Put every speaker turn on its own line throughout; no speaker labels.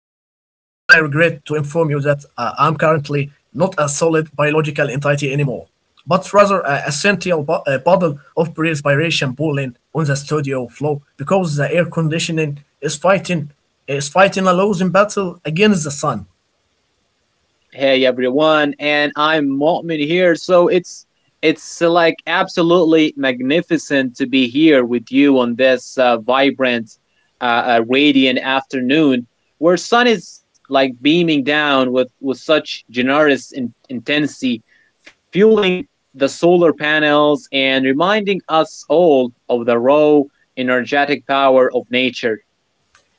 currently not a solid biological entity anymore, but rather a a bottle of perspiration boiling on the studio floor because the air conditioning is fighting is fighting a losing battle against the sun.
Hey everyone, and I'm Mu'min here. So it's like absolutely magnificent to be here with you on this vibrant, radiant afternoon where sun is like beaming down with such generous intensity, fueling the solar panels and reminding us all of the raw energetic power of nature.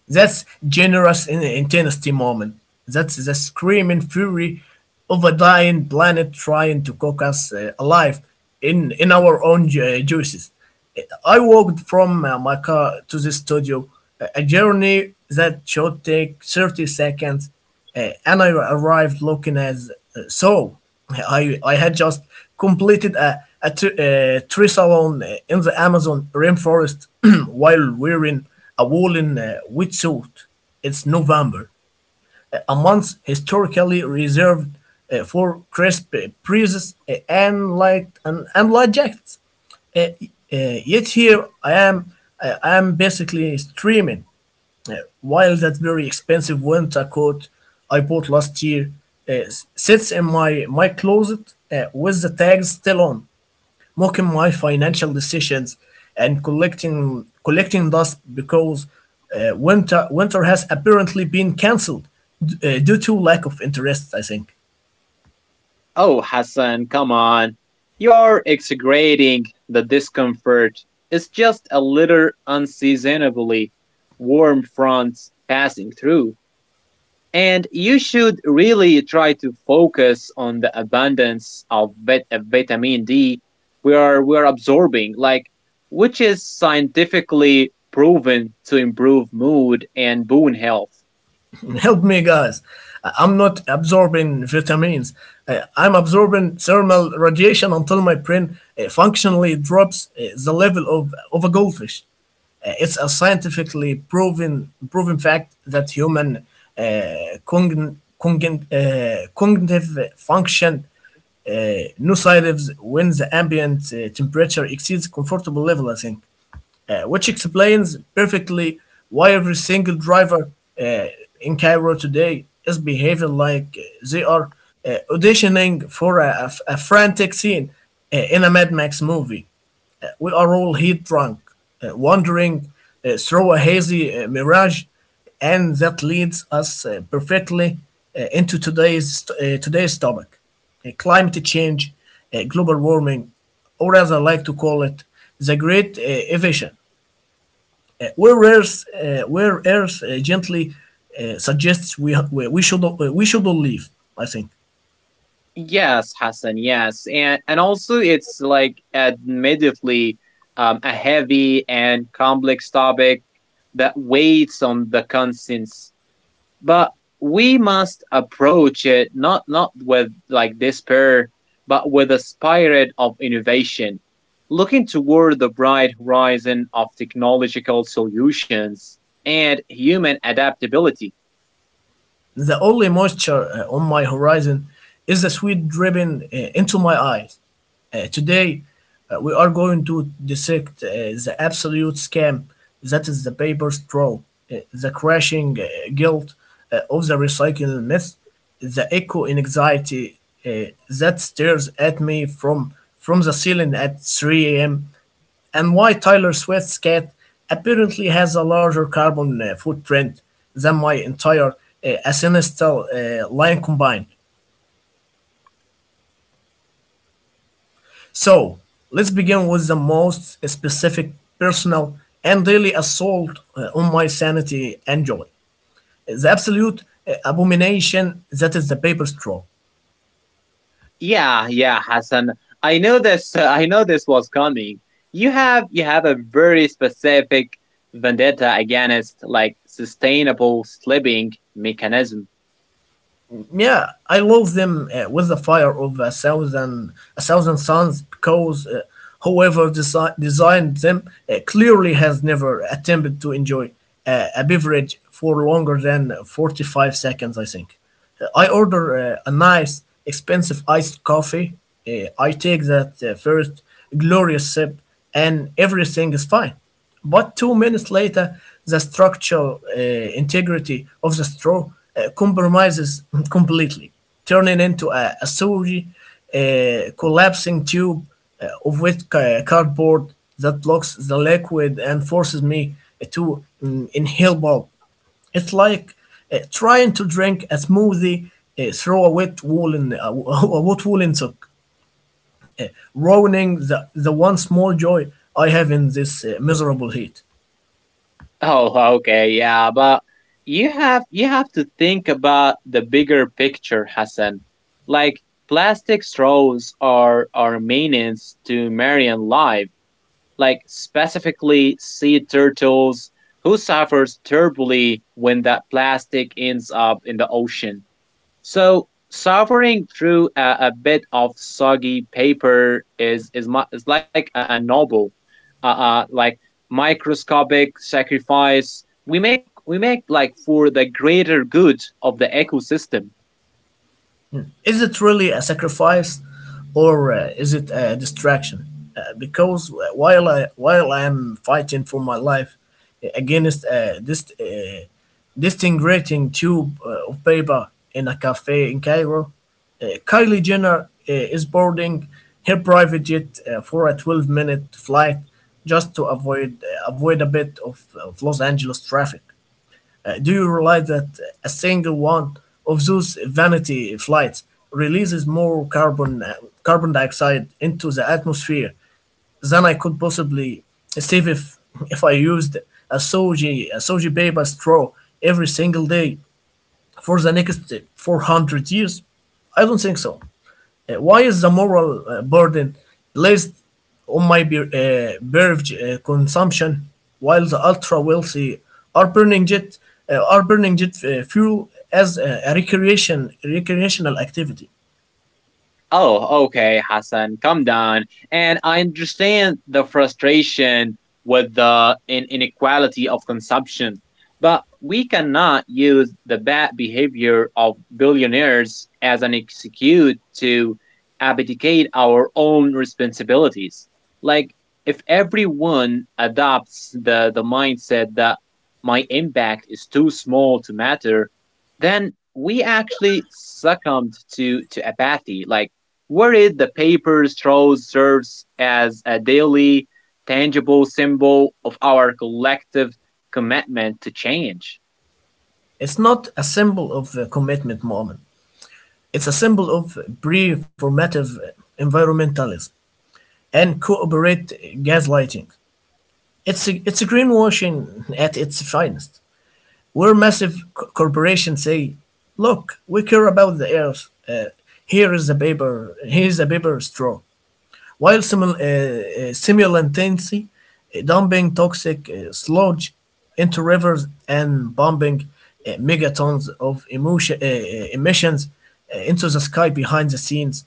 That's generous in intensity moment. That's the screaming fury of a dying planet trying to cook us alive in our own juices. I walked from my car to the studio, a journey that should take 30 seconds. Anna arrived looking as so. I had just completed a triathlon in the Amazon rainforest while wearing a woolen wetsuit. It's November, a month historically reserved for crisp breezes and and light jackets. Uh, Yet here I am. I am basically streaming. Uh, while that very expensive winter coat I bought last year, sits in my closet with the tags still on, mocking my financial decisions and collecting dust because winter has apparently been cancelled, due to lack of interest, I think.
Oh, Hassan, come on. You're exaggerating the discomfort. It's just a little unseasonably warm front passing through. And you should really try to focus on the abundance of vitamin D we are absorbing, like, which is scientifically proven to improve mood and bone health.
Help me, guys. I'm not absorbing vitamins. I'm absorbing thermal radiation until my brain functionally drops the level of a goldfish. It's a scientifically proven fact that human, cognitive function, uh, nosedives when the ambient temperature exceeds comfortable level, I think, which explains perfectly why every single driver uh, in Cairo today is behaving like they are auditioning for a frantic scene in a Mad Max movie. We are all heat drunk, wandering through a hazy mirage, and that leads us perfectly into today's today's topic: climate change, global warming, or as I like to call it, the Great Evasion. Where Earth gently suggests we should all leave, I think.
Yes, Hassan, yes. And also it's like admittedly a heavy and complex topic that weighs on the conscience. But we must approach it not with like despair, but with a spirit of innovation, looking toward the bright horizon of technological solutions and human adaptability.
The only moisture on my horizon is the sweet dripping into my eyes. Today, we are going to dissect the absolute scam that is the paper straw, the crashing guilt of the recycling myth, the echo in anxiety uh, that stares at me from the ceiling at 3 a.m. and why Taylor Swift's cat apparently has a larger carbon footprint than my entire ancestral line combined. So let's begin with the most specific, personal, and daily assault on my sanity and joy, the absolute abomination that is the paper straw.
Yeah, yeah, Hassan. I know this. I know this was coming. You have a very specific vendetta against like sustainable sleeping mechanism.
Yeah, I love them with the fire of a thousand suns, because whoever designed them clearly has never attempted to enjoy a beverage for longer than 45 seconds, I think. I order a nice, expensive iced coffee. I take that first glorious sip, and everything is fine. But 2 minutes later, the structural integrity of the straw compromises completely, turning into a sorry, collapsing tube of wet cardboard that blocks the liquid and forces me to inhale bulb. It's like trying to drink a smoothie through a a wet woolen sock, ruining the one small joy I have in this miserable heat.
Oh, okay, yeah, but you have to think about the bigger picture, Hassan. Like, plastic straws are maintenance to marine life, like specifically sea turtles who suffers terribly when that plastic ends up in the ocean. So suffering through a bit of soggy paper is like a novel, like microscopic sacrifice we make like for the greater good of the ecosystem.
Is it really a sacrifice or is it a distraction? Because while I'm fighting for my life against this disintegrating tube of paper in a cafe in Cairo, Kylie Jenner is boarding her private jet for a 12-minute flight just to avoid a bit of Los Angeles traffic. Do you realize that a single one of those vanity flights releases more carbon dioxide into the atmosphere than I could possibly save if I used a soji paper straw every single day for the next 400 years? I don't think so. Why is the moral burden placed on my beverage consumption while the ultra wealthy are burning jet are burning jet fuel as a recreation recreational activity?
Oh, okay, Hassan, calm down. And I understand the frustration with the inequality of consumption, but we cannot use the bad behavior of billionaires as an excuse to abdicate our own responsibilities. Like, if everyone adopts the mindset that my impact is too small to matter, then we actually succumbed to apathy. Like, worried, the paper straw serves as a daily, tangible symbol of our collective commitment to change.
It's not a symbol of commitment, moment. It's a symbol of performative environmentalism and cooperate gaslighting. It's a it's greenwashing at its finest, where massive corporations say, "Look, we care about the earth. Uh, Here is a paper. Here is a paper straw." While simultaneously dumping toxic sludge into rivers and bombing megatons of emissions into the sky behind the scenes,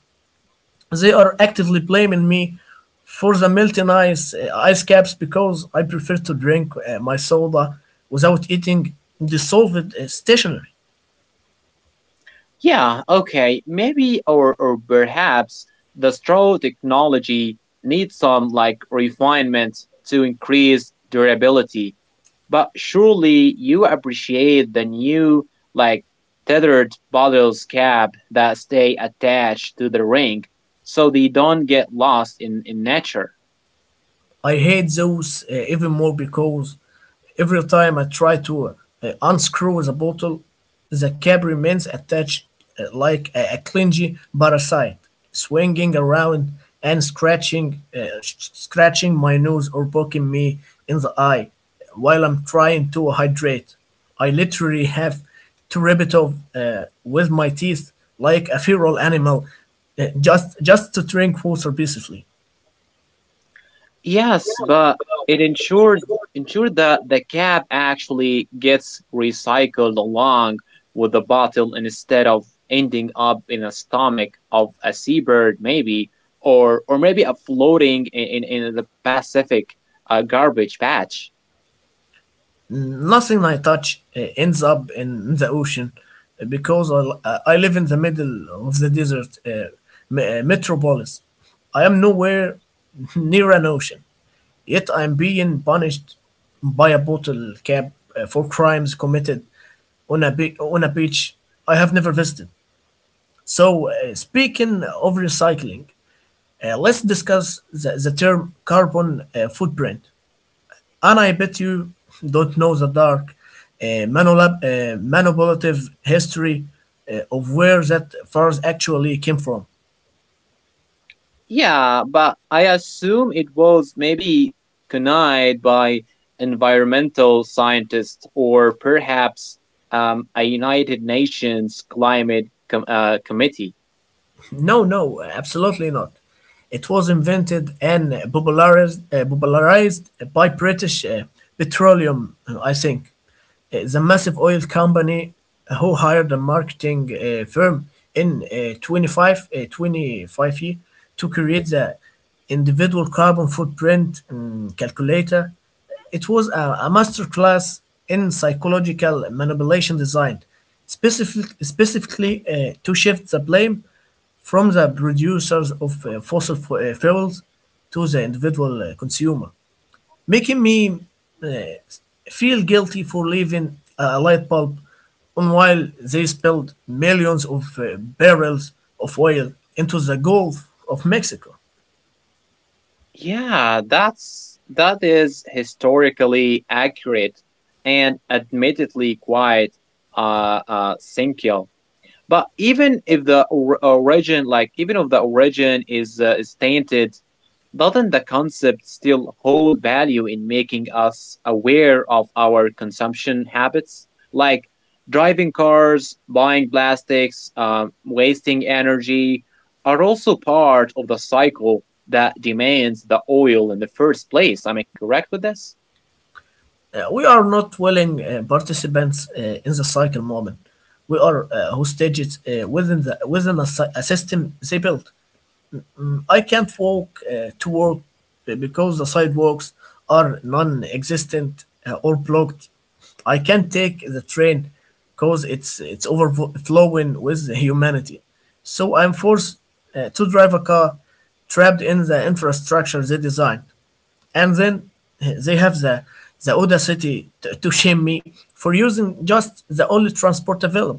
they are actively blaming me for the melting ice caps because I prefer to drink my soda without eating dissolved stationery.
Yeah, okay, maybe or perhaps the straw technology needs some like refinement to increase durability, but surely you appreciate the new like tethered bottles cap that stay attached to the ring so they don't get lost in nature.
I hate those even more because every time I try to unscrew the bottle, the cap remains attached like a clingy parasite, swinging around and scratching my nose or poking me in the eye while I'm trying to hydrate. I literally have to rip it off with my teeth like a feral animal just to drink water peacefully.
Yes, but it ensures ensure that the cap actually gets recycled along with the bottle instead of ending up in the stomach of a seabird, maybe, or maybe a floating in the Pacific garbage patch.
Nothing I touch ends up in the ocean uh, because I, I live in the middle of the desert, metropolis. I am nowhere near an ocean, yet I am being punished by a bottle cap for crimes committed on on a beach I have never visited. So, speaking of recycling, let's discuss the term carbon footprint. And I bet you don't know the dark, manipulative history of where that furs actually came from.
Yeah, but I assume it was maybe connived by environmental scientists or perhaps a United Nations climate committee.
No, no, absolutely not. It was invented and popularized by British petroleum, I think. The massive oil company who hired a marketing firm in 25 year to create the individual carbon footprint calculator. It was a masterclass in psychological manipulation design, specifically to shift the blame from the producers of fuels to the individual consumer, making me uh, feel guilty for leaving a light bulb on while they spilled millions of barrels of oil into the Gulf of Mexico.
Yeah, that's that is historically accurate and admittedly quite cynical. But even if the origin, like even if the origin is tainted, doesn't the concept still hold value in making us aware of our consumption habits, like driving cars, buying plastics, wasting energy, are also part of the cycle that demands the oil in the first place. Am I correct with this?
We are not willing participants in the cycle moment. We are hostages within a system they built. I can't walk to work because the sidewalks are non existent or blocked. I can't take the train because it's overflowing with humanity. So I'm forced to drive a car, trapped in the infrastructure they designed. And then they have the audacity to shame me for using just the only transport available.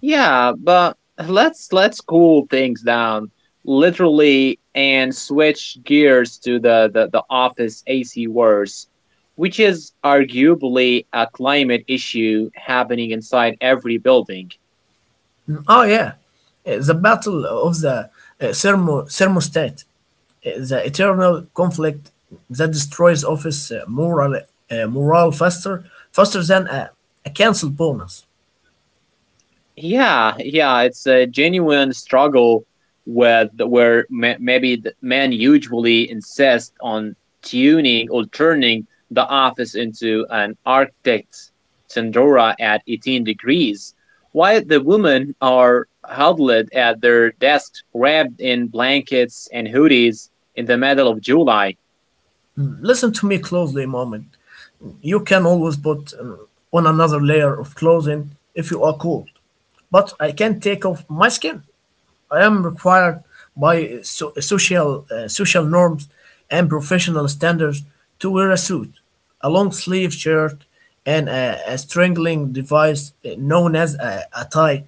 Yeah, but let's cool things down literally and switch gears to the office AC wars, which is arguably a climate issue happening inside every building.
Oh yeah, the battle of the thermostat, the eternal conflict that destroys office morale faster than a cancel bonus.
Yeah, yeah, it's a genuine struggle with where maybe the men usually insist on tuning or turning the office into an arctic tundra at 18 degrees while the women are huddled at their desks wrapped in blankets and hoodies in the middle of July.
Listen to me closely, a moment. You can always put on another layer of clothing if you are cold, but I can't take off my skin. I am required by social norms and professional standards to wear a suit, a long sleeve shirt, and a strangling device known as a tie,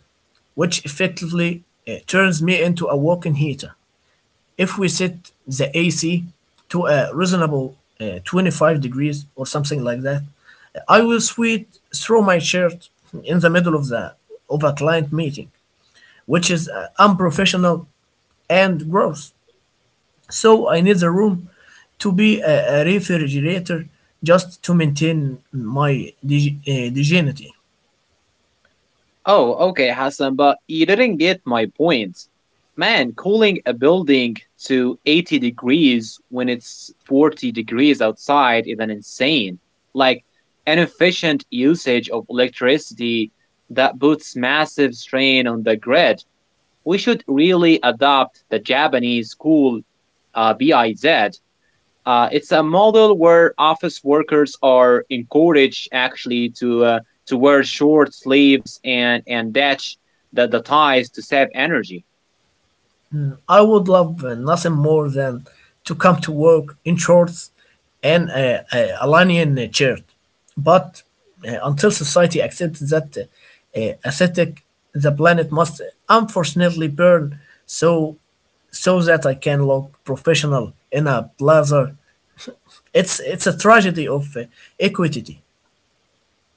which effectively turns me into a walking heater. If we set the AC to a reasonable 25 degrees or something like that, I will sweat through my shirt in the middle of the of a client meeting, which is unprofessional and growth. So I need the room to be a refrigerator just to maintain my dignity.
Oh, okay, Hassan, but you didn't get my point. Man, cooling a building to 80 degrees when it's 40 degrees outside is an insane, like, inefficient usage of electricity that puts massive strain on the grid. We should really adopt the Japanese cool BIZ. It's a model where office workers are encouraged actually to wear short sleeves and detach the ties to save energy.
I would love nothing more than to come to work in shorts and a linen shirt. But until society accepts that aesthetic, the planet must unfortunately burn so so that I can look professional in a blazer. It's a tragedy of equity.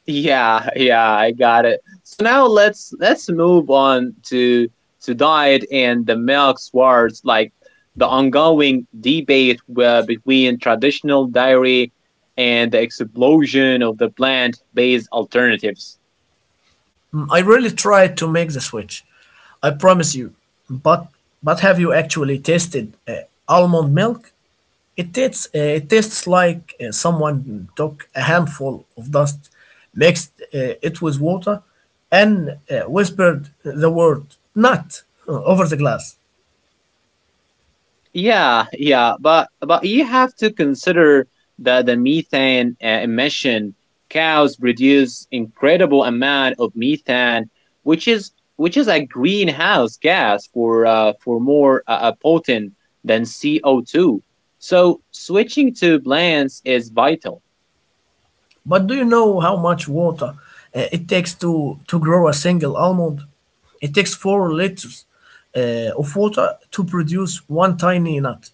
Yeah, yeah, I got it. So now let's move on to diet and the milk wars, like the ongoing debate where between traditional dairy and the explosion of the plant-based alternatives.
I really tried to make the switch. I promise you. But have you actually tasted almond milk? It tastes like someone took a handful of dust, mixed it with water, and whispered the word "nut" over the glass.
Yeah, yeah, but you have to consider that the methane emission, cows produce incredible amount of methane, which is a greenhouse gas for more potent than CO2. So switching to blends is vital.
But do you know how much water it takes to grow a single almond? It takes 4 liters of water to produce one tiny nut.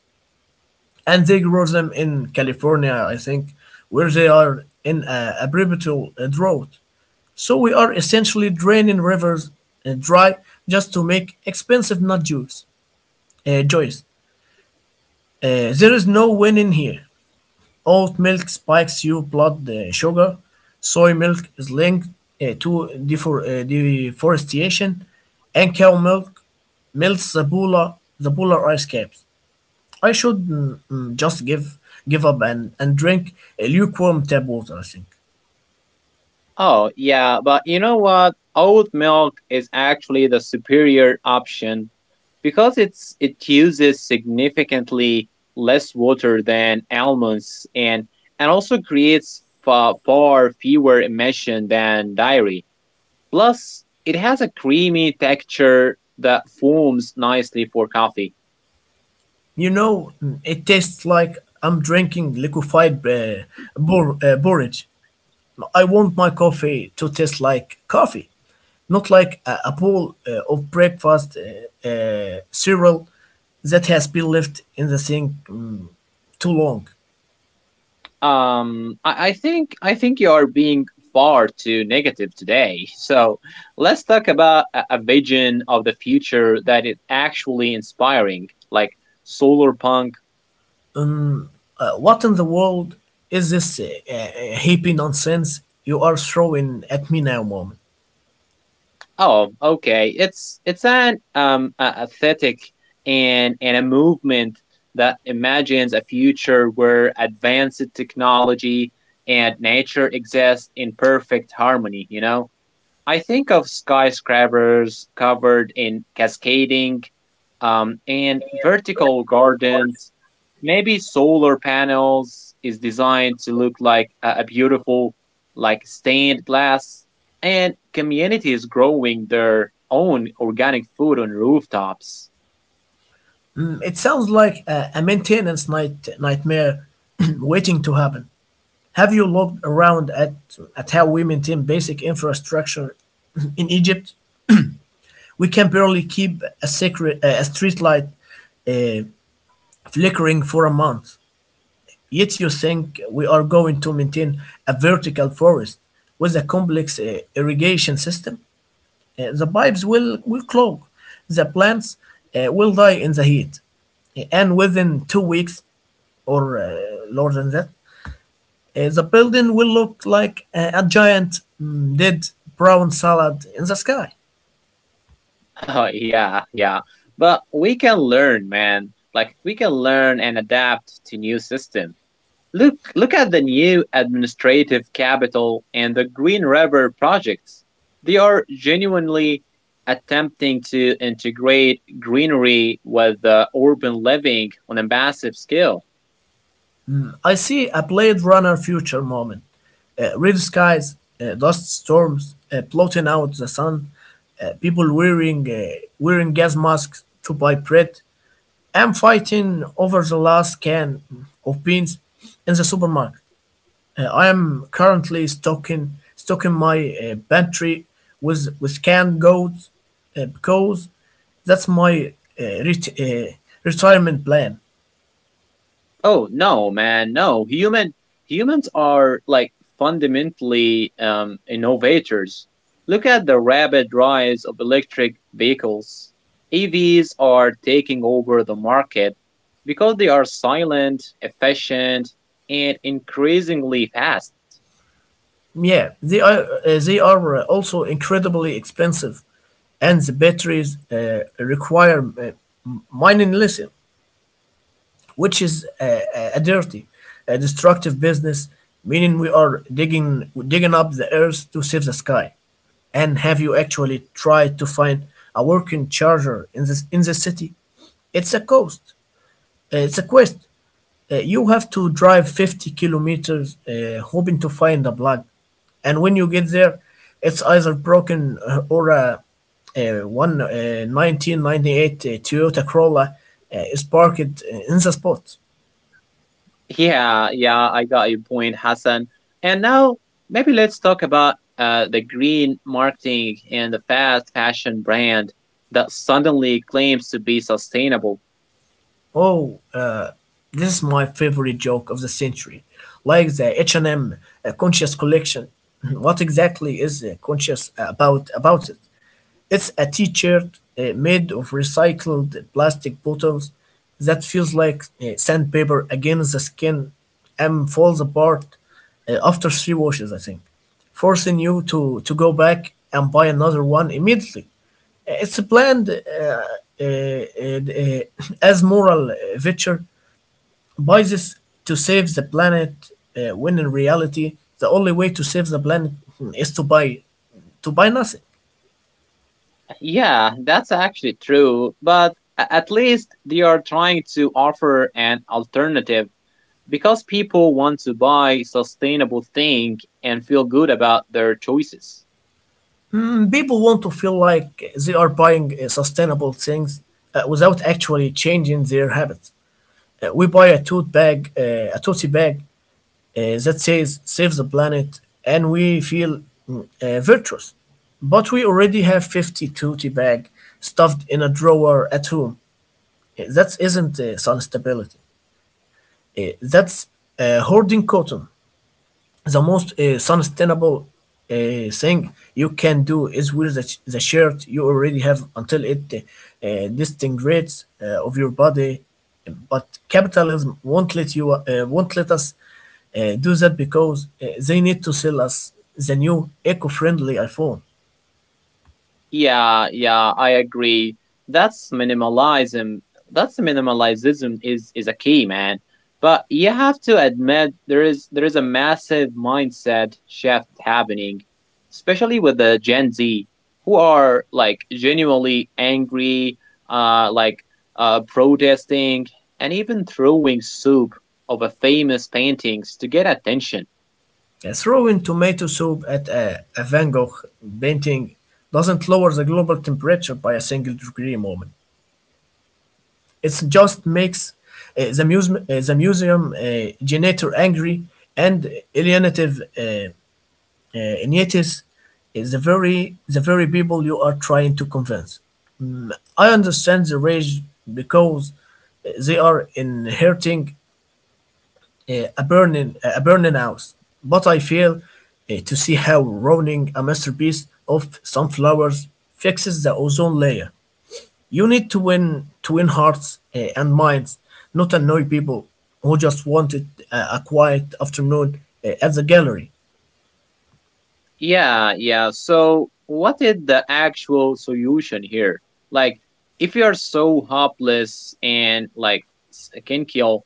And they grow them in California, I think, where they are in a perpetual drought. So we are essentially draining rivers dry just to make expensive nut juice. Joyce, there is no winning here. Oat milk spikes your blood sugar. Soy milk is linked to deforestation, and cow milk melts the polar ice caps. I should just give up and drink a lukewarm tap water, I think.
Oh, yeah, but you know what? Oat milk is actually the superior option because it uses significantly less water than almonds and also creates far, far fewer emissions than dairy. Plus, it has a creamy texture that forms nicely for coffee.
You know, it tastes like I'm drinking liquefied porridge. I want my coffee to taste like coffee, not like a bowl of breakfast cereal that has been left in the sink too long.
I think you are being far too negative today. So let's talk about a vision of the future that is actually inspiring, like solar punk.
What in the world is this hippie nonsense you are throwing at me now, mom?
Oh, okay. It's an aesthetic and a movement that imagines a future where advanced technology and nature exist in perfect harmony. You know, I think of skyscrapers covered in cascading and vertical gardens. Maybe solar panels is designed to look like a beautiful, like stained glass, and communities growing their own organic food on rooftops.
Mm. It sounds like a maintenance nightmare waiting to happen. Have you looked around at how we maintain basic infrastructure in Egypt? We can barely keep a secret a street light uh, flickering for a month. Yet you think we are going to maintain a vertical forest with a complex irrigation system? The pipes will clog. The plants will die in the heat. And within 2 weeks or lower than that. The building will look like a giant dead brown salad in the sky.
Oh, yeah, yeah. But we can learn, man. Like, we can learn and adapt to new systems. Look, look at the new administrative capital and the Green River projects. They are genuinely attempting to integrate greenery with urban living on a massive scale.
I see a Blade Runner future moment. Red skies, dust storms, blotting out the sun, people wearing gas masks to buy bread. I'm fighting over the last can of beans in the supermarket. I am currently stocking my pantry with canned goods because that's my uh, ret- uh, retirement plan.
Oh no, man, no. Humans are like fundamentally innovators. Look at the rapid rise of electric vehicles. EVs are taking over the market because they are silent, efficient, and increasingly fast.
Yeah, they are also incredibly expensive, and the batteries require mining lithium, which is a dirty, a destructive business. Meaning we are digging up the earth to save the sky. And have you actually tried to find a working charger in the city? It's a cost. It's a quest. You have to drive 50 kilometers hoping to find a plug. And when you get there, it's either broken or a one 1998 Toyota Corolla is parked in the spot.
Yeah, yeah, I got your point, Hassan. And now maybe let's talk about the green marketing and the fast fashion brand that suddenly claims to be sustainable.
Oh, this is my favorite joke of the century. Like the H&M Conscious Collection. What exactly is conscious about it? It's a t-shirt made of recycled plastic bottles that feels like sandpaper against the skin and falls apart after 3 washes, I think, forcing you to go back and buy another one immediately. It's planned uh, uh, as moral virtue by this to save the planet, when in reality, the only way to save the planet is to buy nothing.
Yeah, that's actually true, but at least they are trying to offer an alternative because people want to buy sustainable thing and feel good about their choices.
People want to feel like they are buying sustainable things without actually changing their habits. We buy a tote bag, that says save the planet, and we feel virtuous. But we already have 50 tooty bag stuffed in a drawer at home. That isn't sun stability. That's hoarding cotton. The most sustainable thing you can do is wear the shirt you already have until it disintegrates of your body, but capitalism won't let us do that because they need to sell us the new eco-friendly iphone.
Yeah, yeah, I agree. That's minimalism. That's minimalism is a key, man. But you have to admit there is a massive mindset shift happening, especially with the Gen Z who are like genuinely angry, uh, like protesting and even throwing soup of a famous paintings to get attention.
Throwing tomato soup at a van gogh painting doesn't lower the global temperature by a single degree moment. It just makes the museum janitor angry and alienative Inietis is the very people you are trying to convince. I understand the rage because they are inheriting a burning house, but I fail to see how ruining a masterpiece of sunflowers fixes the ozone layer. You need to win hearts and minds, not annoy people who just wanted a quiet afternoon at the gallery.
Yeah, yeah. So, what is the actual solution here? Like, if you are so hopeless and like s- can kill,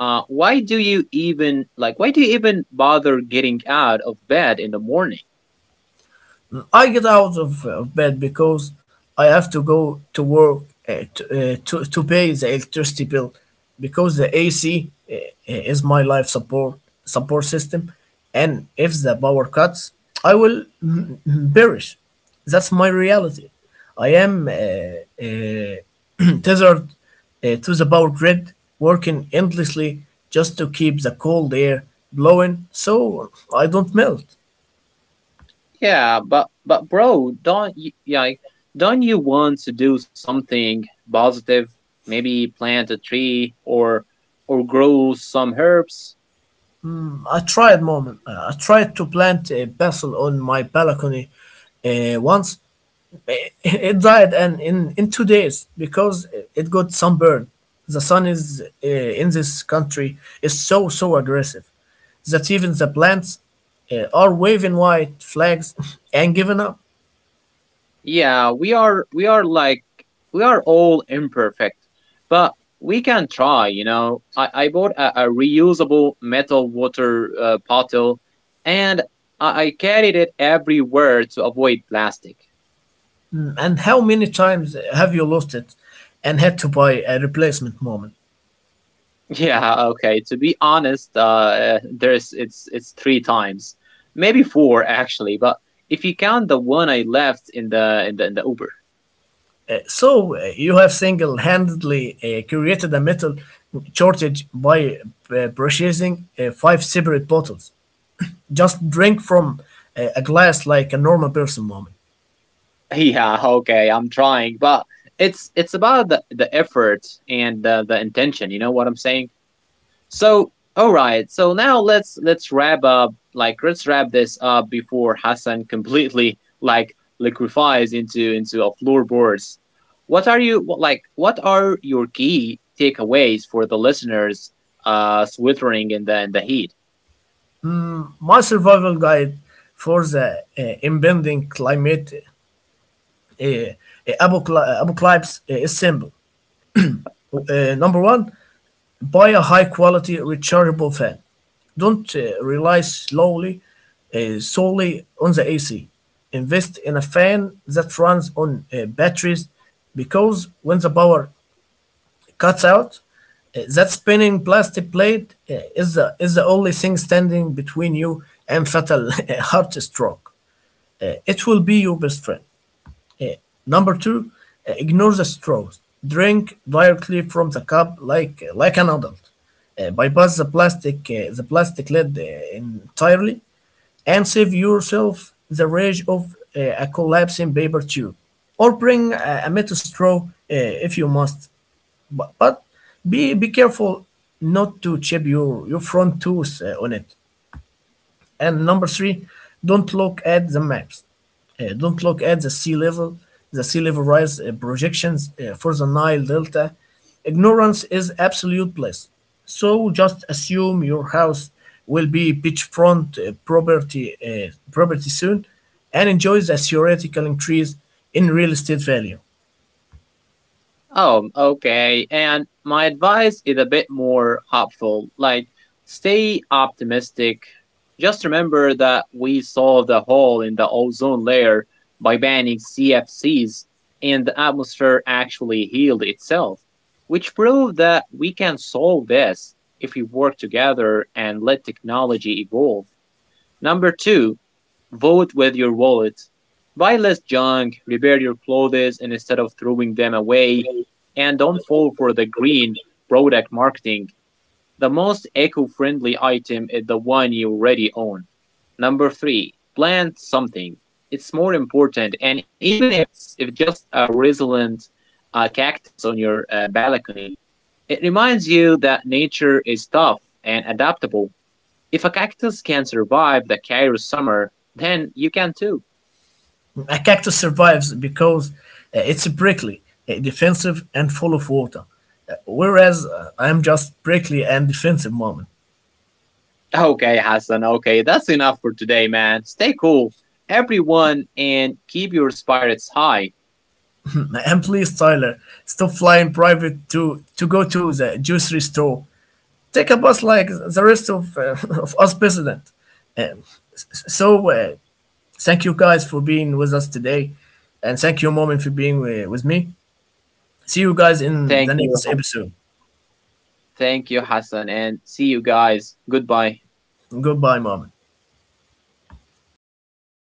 why do you even like? Why do you even bother getting out of bed in the morning?
I get out of bed because I have to go to work to pay the electricity bill because the AC is my life support system, and if the power cuts, I will perish. That's my reality. I am tethered to the power grid, working endlessly just to keep the cold air blowing so I don't melt.
Yeah, but bro, don't you want to do something positive? Maybe plant a tree or grow some herbs.
I tried, mom. I tried to plant a basil on my balcony once. It died in 2 days because it got sunburned. The sun is in this country is so aggressive that even the plants are waving white flags and giving up.
Yeah, we are like we are all imperfect, but we can try, you know. I bought a reusable metal water bottle and I carried it everywhere to avoid plastic.
And how many times have you lost it and had to buy a replacement, mom?
Yeah, okay. To be honest, there's it's three times, maybe four actually, but if you count the one I left in the in the in the Uber.
So, you have single-handedly created a metal shortage by purchasing 5 separate bottles. Just drink from a glass like a normal person, Mommy.
Yeah, okay, I'm trying, but it's about the effort and the intention, you know what I'm saying? So all right, so now let's wrap up, like, let's wrap this up before Hassan completely like liquefies into a floorboards. What are you like, what are your key takeaways for the listeners sweltering in the heat?
My survival guide for the impending climate uh, uh, apocalypse is simple. Number 1, buy a high quality rechargeable fan. Don't rely slowly solely on the AC. Invest in a fan that runs on batteries because when the power cuts out, that spinning plastic plate is the only thing standing between you and fatal heart stroke. It will be your best friend. Number 2, ignore the straws. Drink directly from the cup like an adult. Bypass the plastic lid entirely, and save yourself the rage of a collapsing paper tube. Or bring a metal straw if you must. But be careful not to chip your front tooth on it. And number 3, don't look at the maps. Don't look at the the sea level rise projections for the Nile Delta. Ignorance is absolute bliss. So just assume your house will be beachfront property soon, and enjoy the theoretical increase in real estate value.
Oh, okay. And my advice is a bit more hopeful. Like, stay optimistic. Just remember that we solved a hole in the ozone layer by banning CFCs, and the atmosphere actually healed itself, which proved that we can solve this if we work together and let technology evolve. Number 2, vote with your wallet. Buy less junk, repair your clothes instead of throwing them away, and don't fall for the green product marketing. The most eco friendly item is the one you already own. Number 3, plant something. It's more important, and even if it's if just a resilient cactus on your balcony, it reminds you that nature is tough and adaptable. If a cactus can survive the Cairo summer, then you can too.
A cactus survives because it's prickly, defensive, and full of water, whereas I am just prickly and defensive moment.
Okay, Hassan, okay, that's enough for today, man. Stay cool, everyone, and keep your spirits high.
And please, Tyler, stop flying private to go to the grocery store. Take a bus like the rest of, of us president. Um, s- so, uh, Thank you guys for being with us today. And thank you, Moment, for being with me. See you guys in the
Thank you.
next episode.
Thank you, Hassan, and see you guys. Goodbye.
Goodbye, Moment.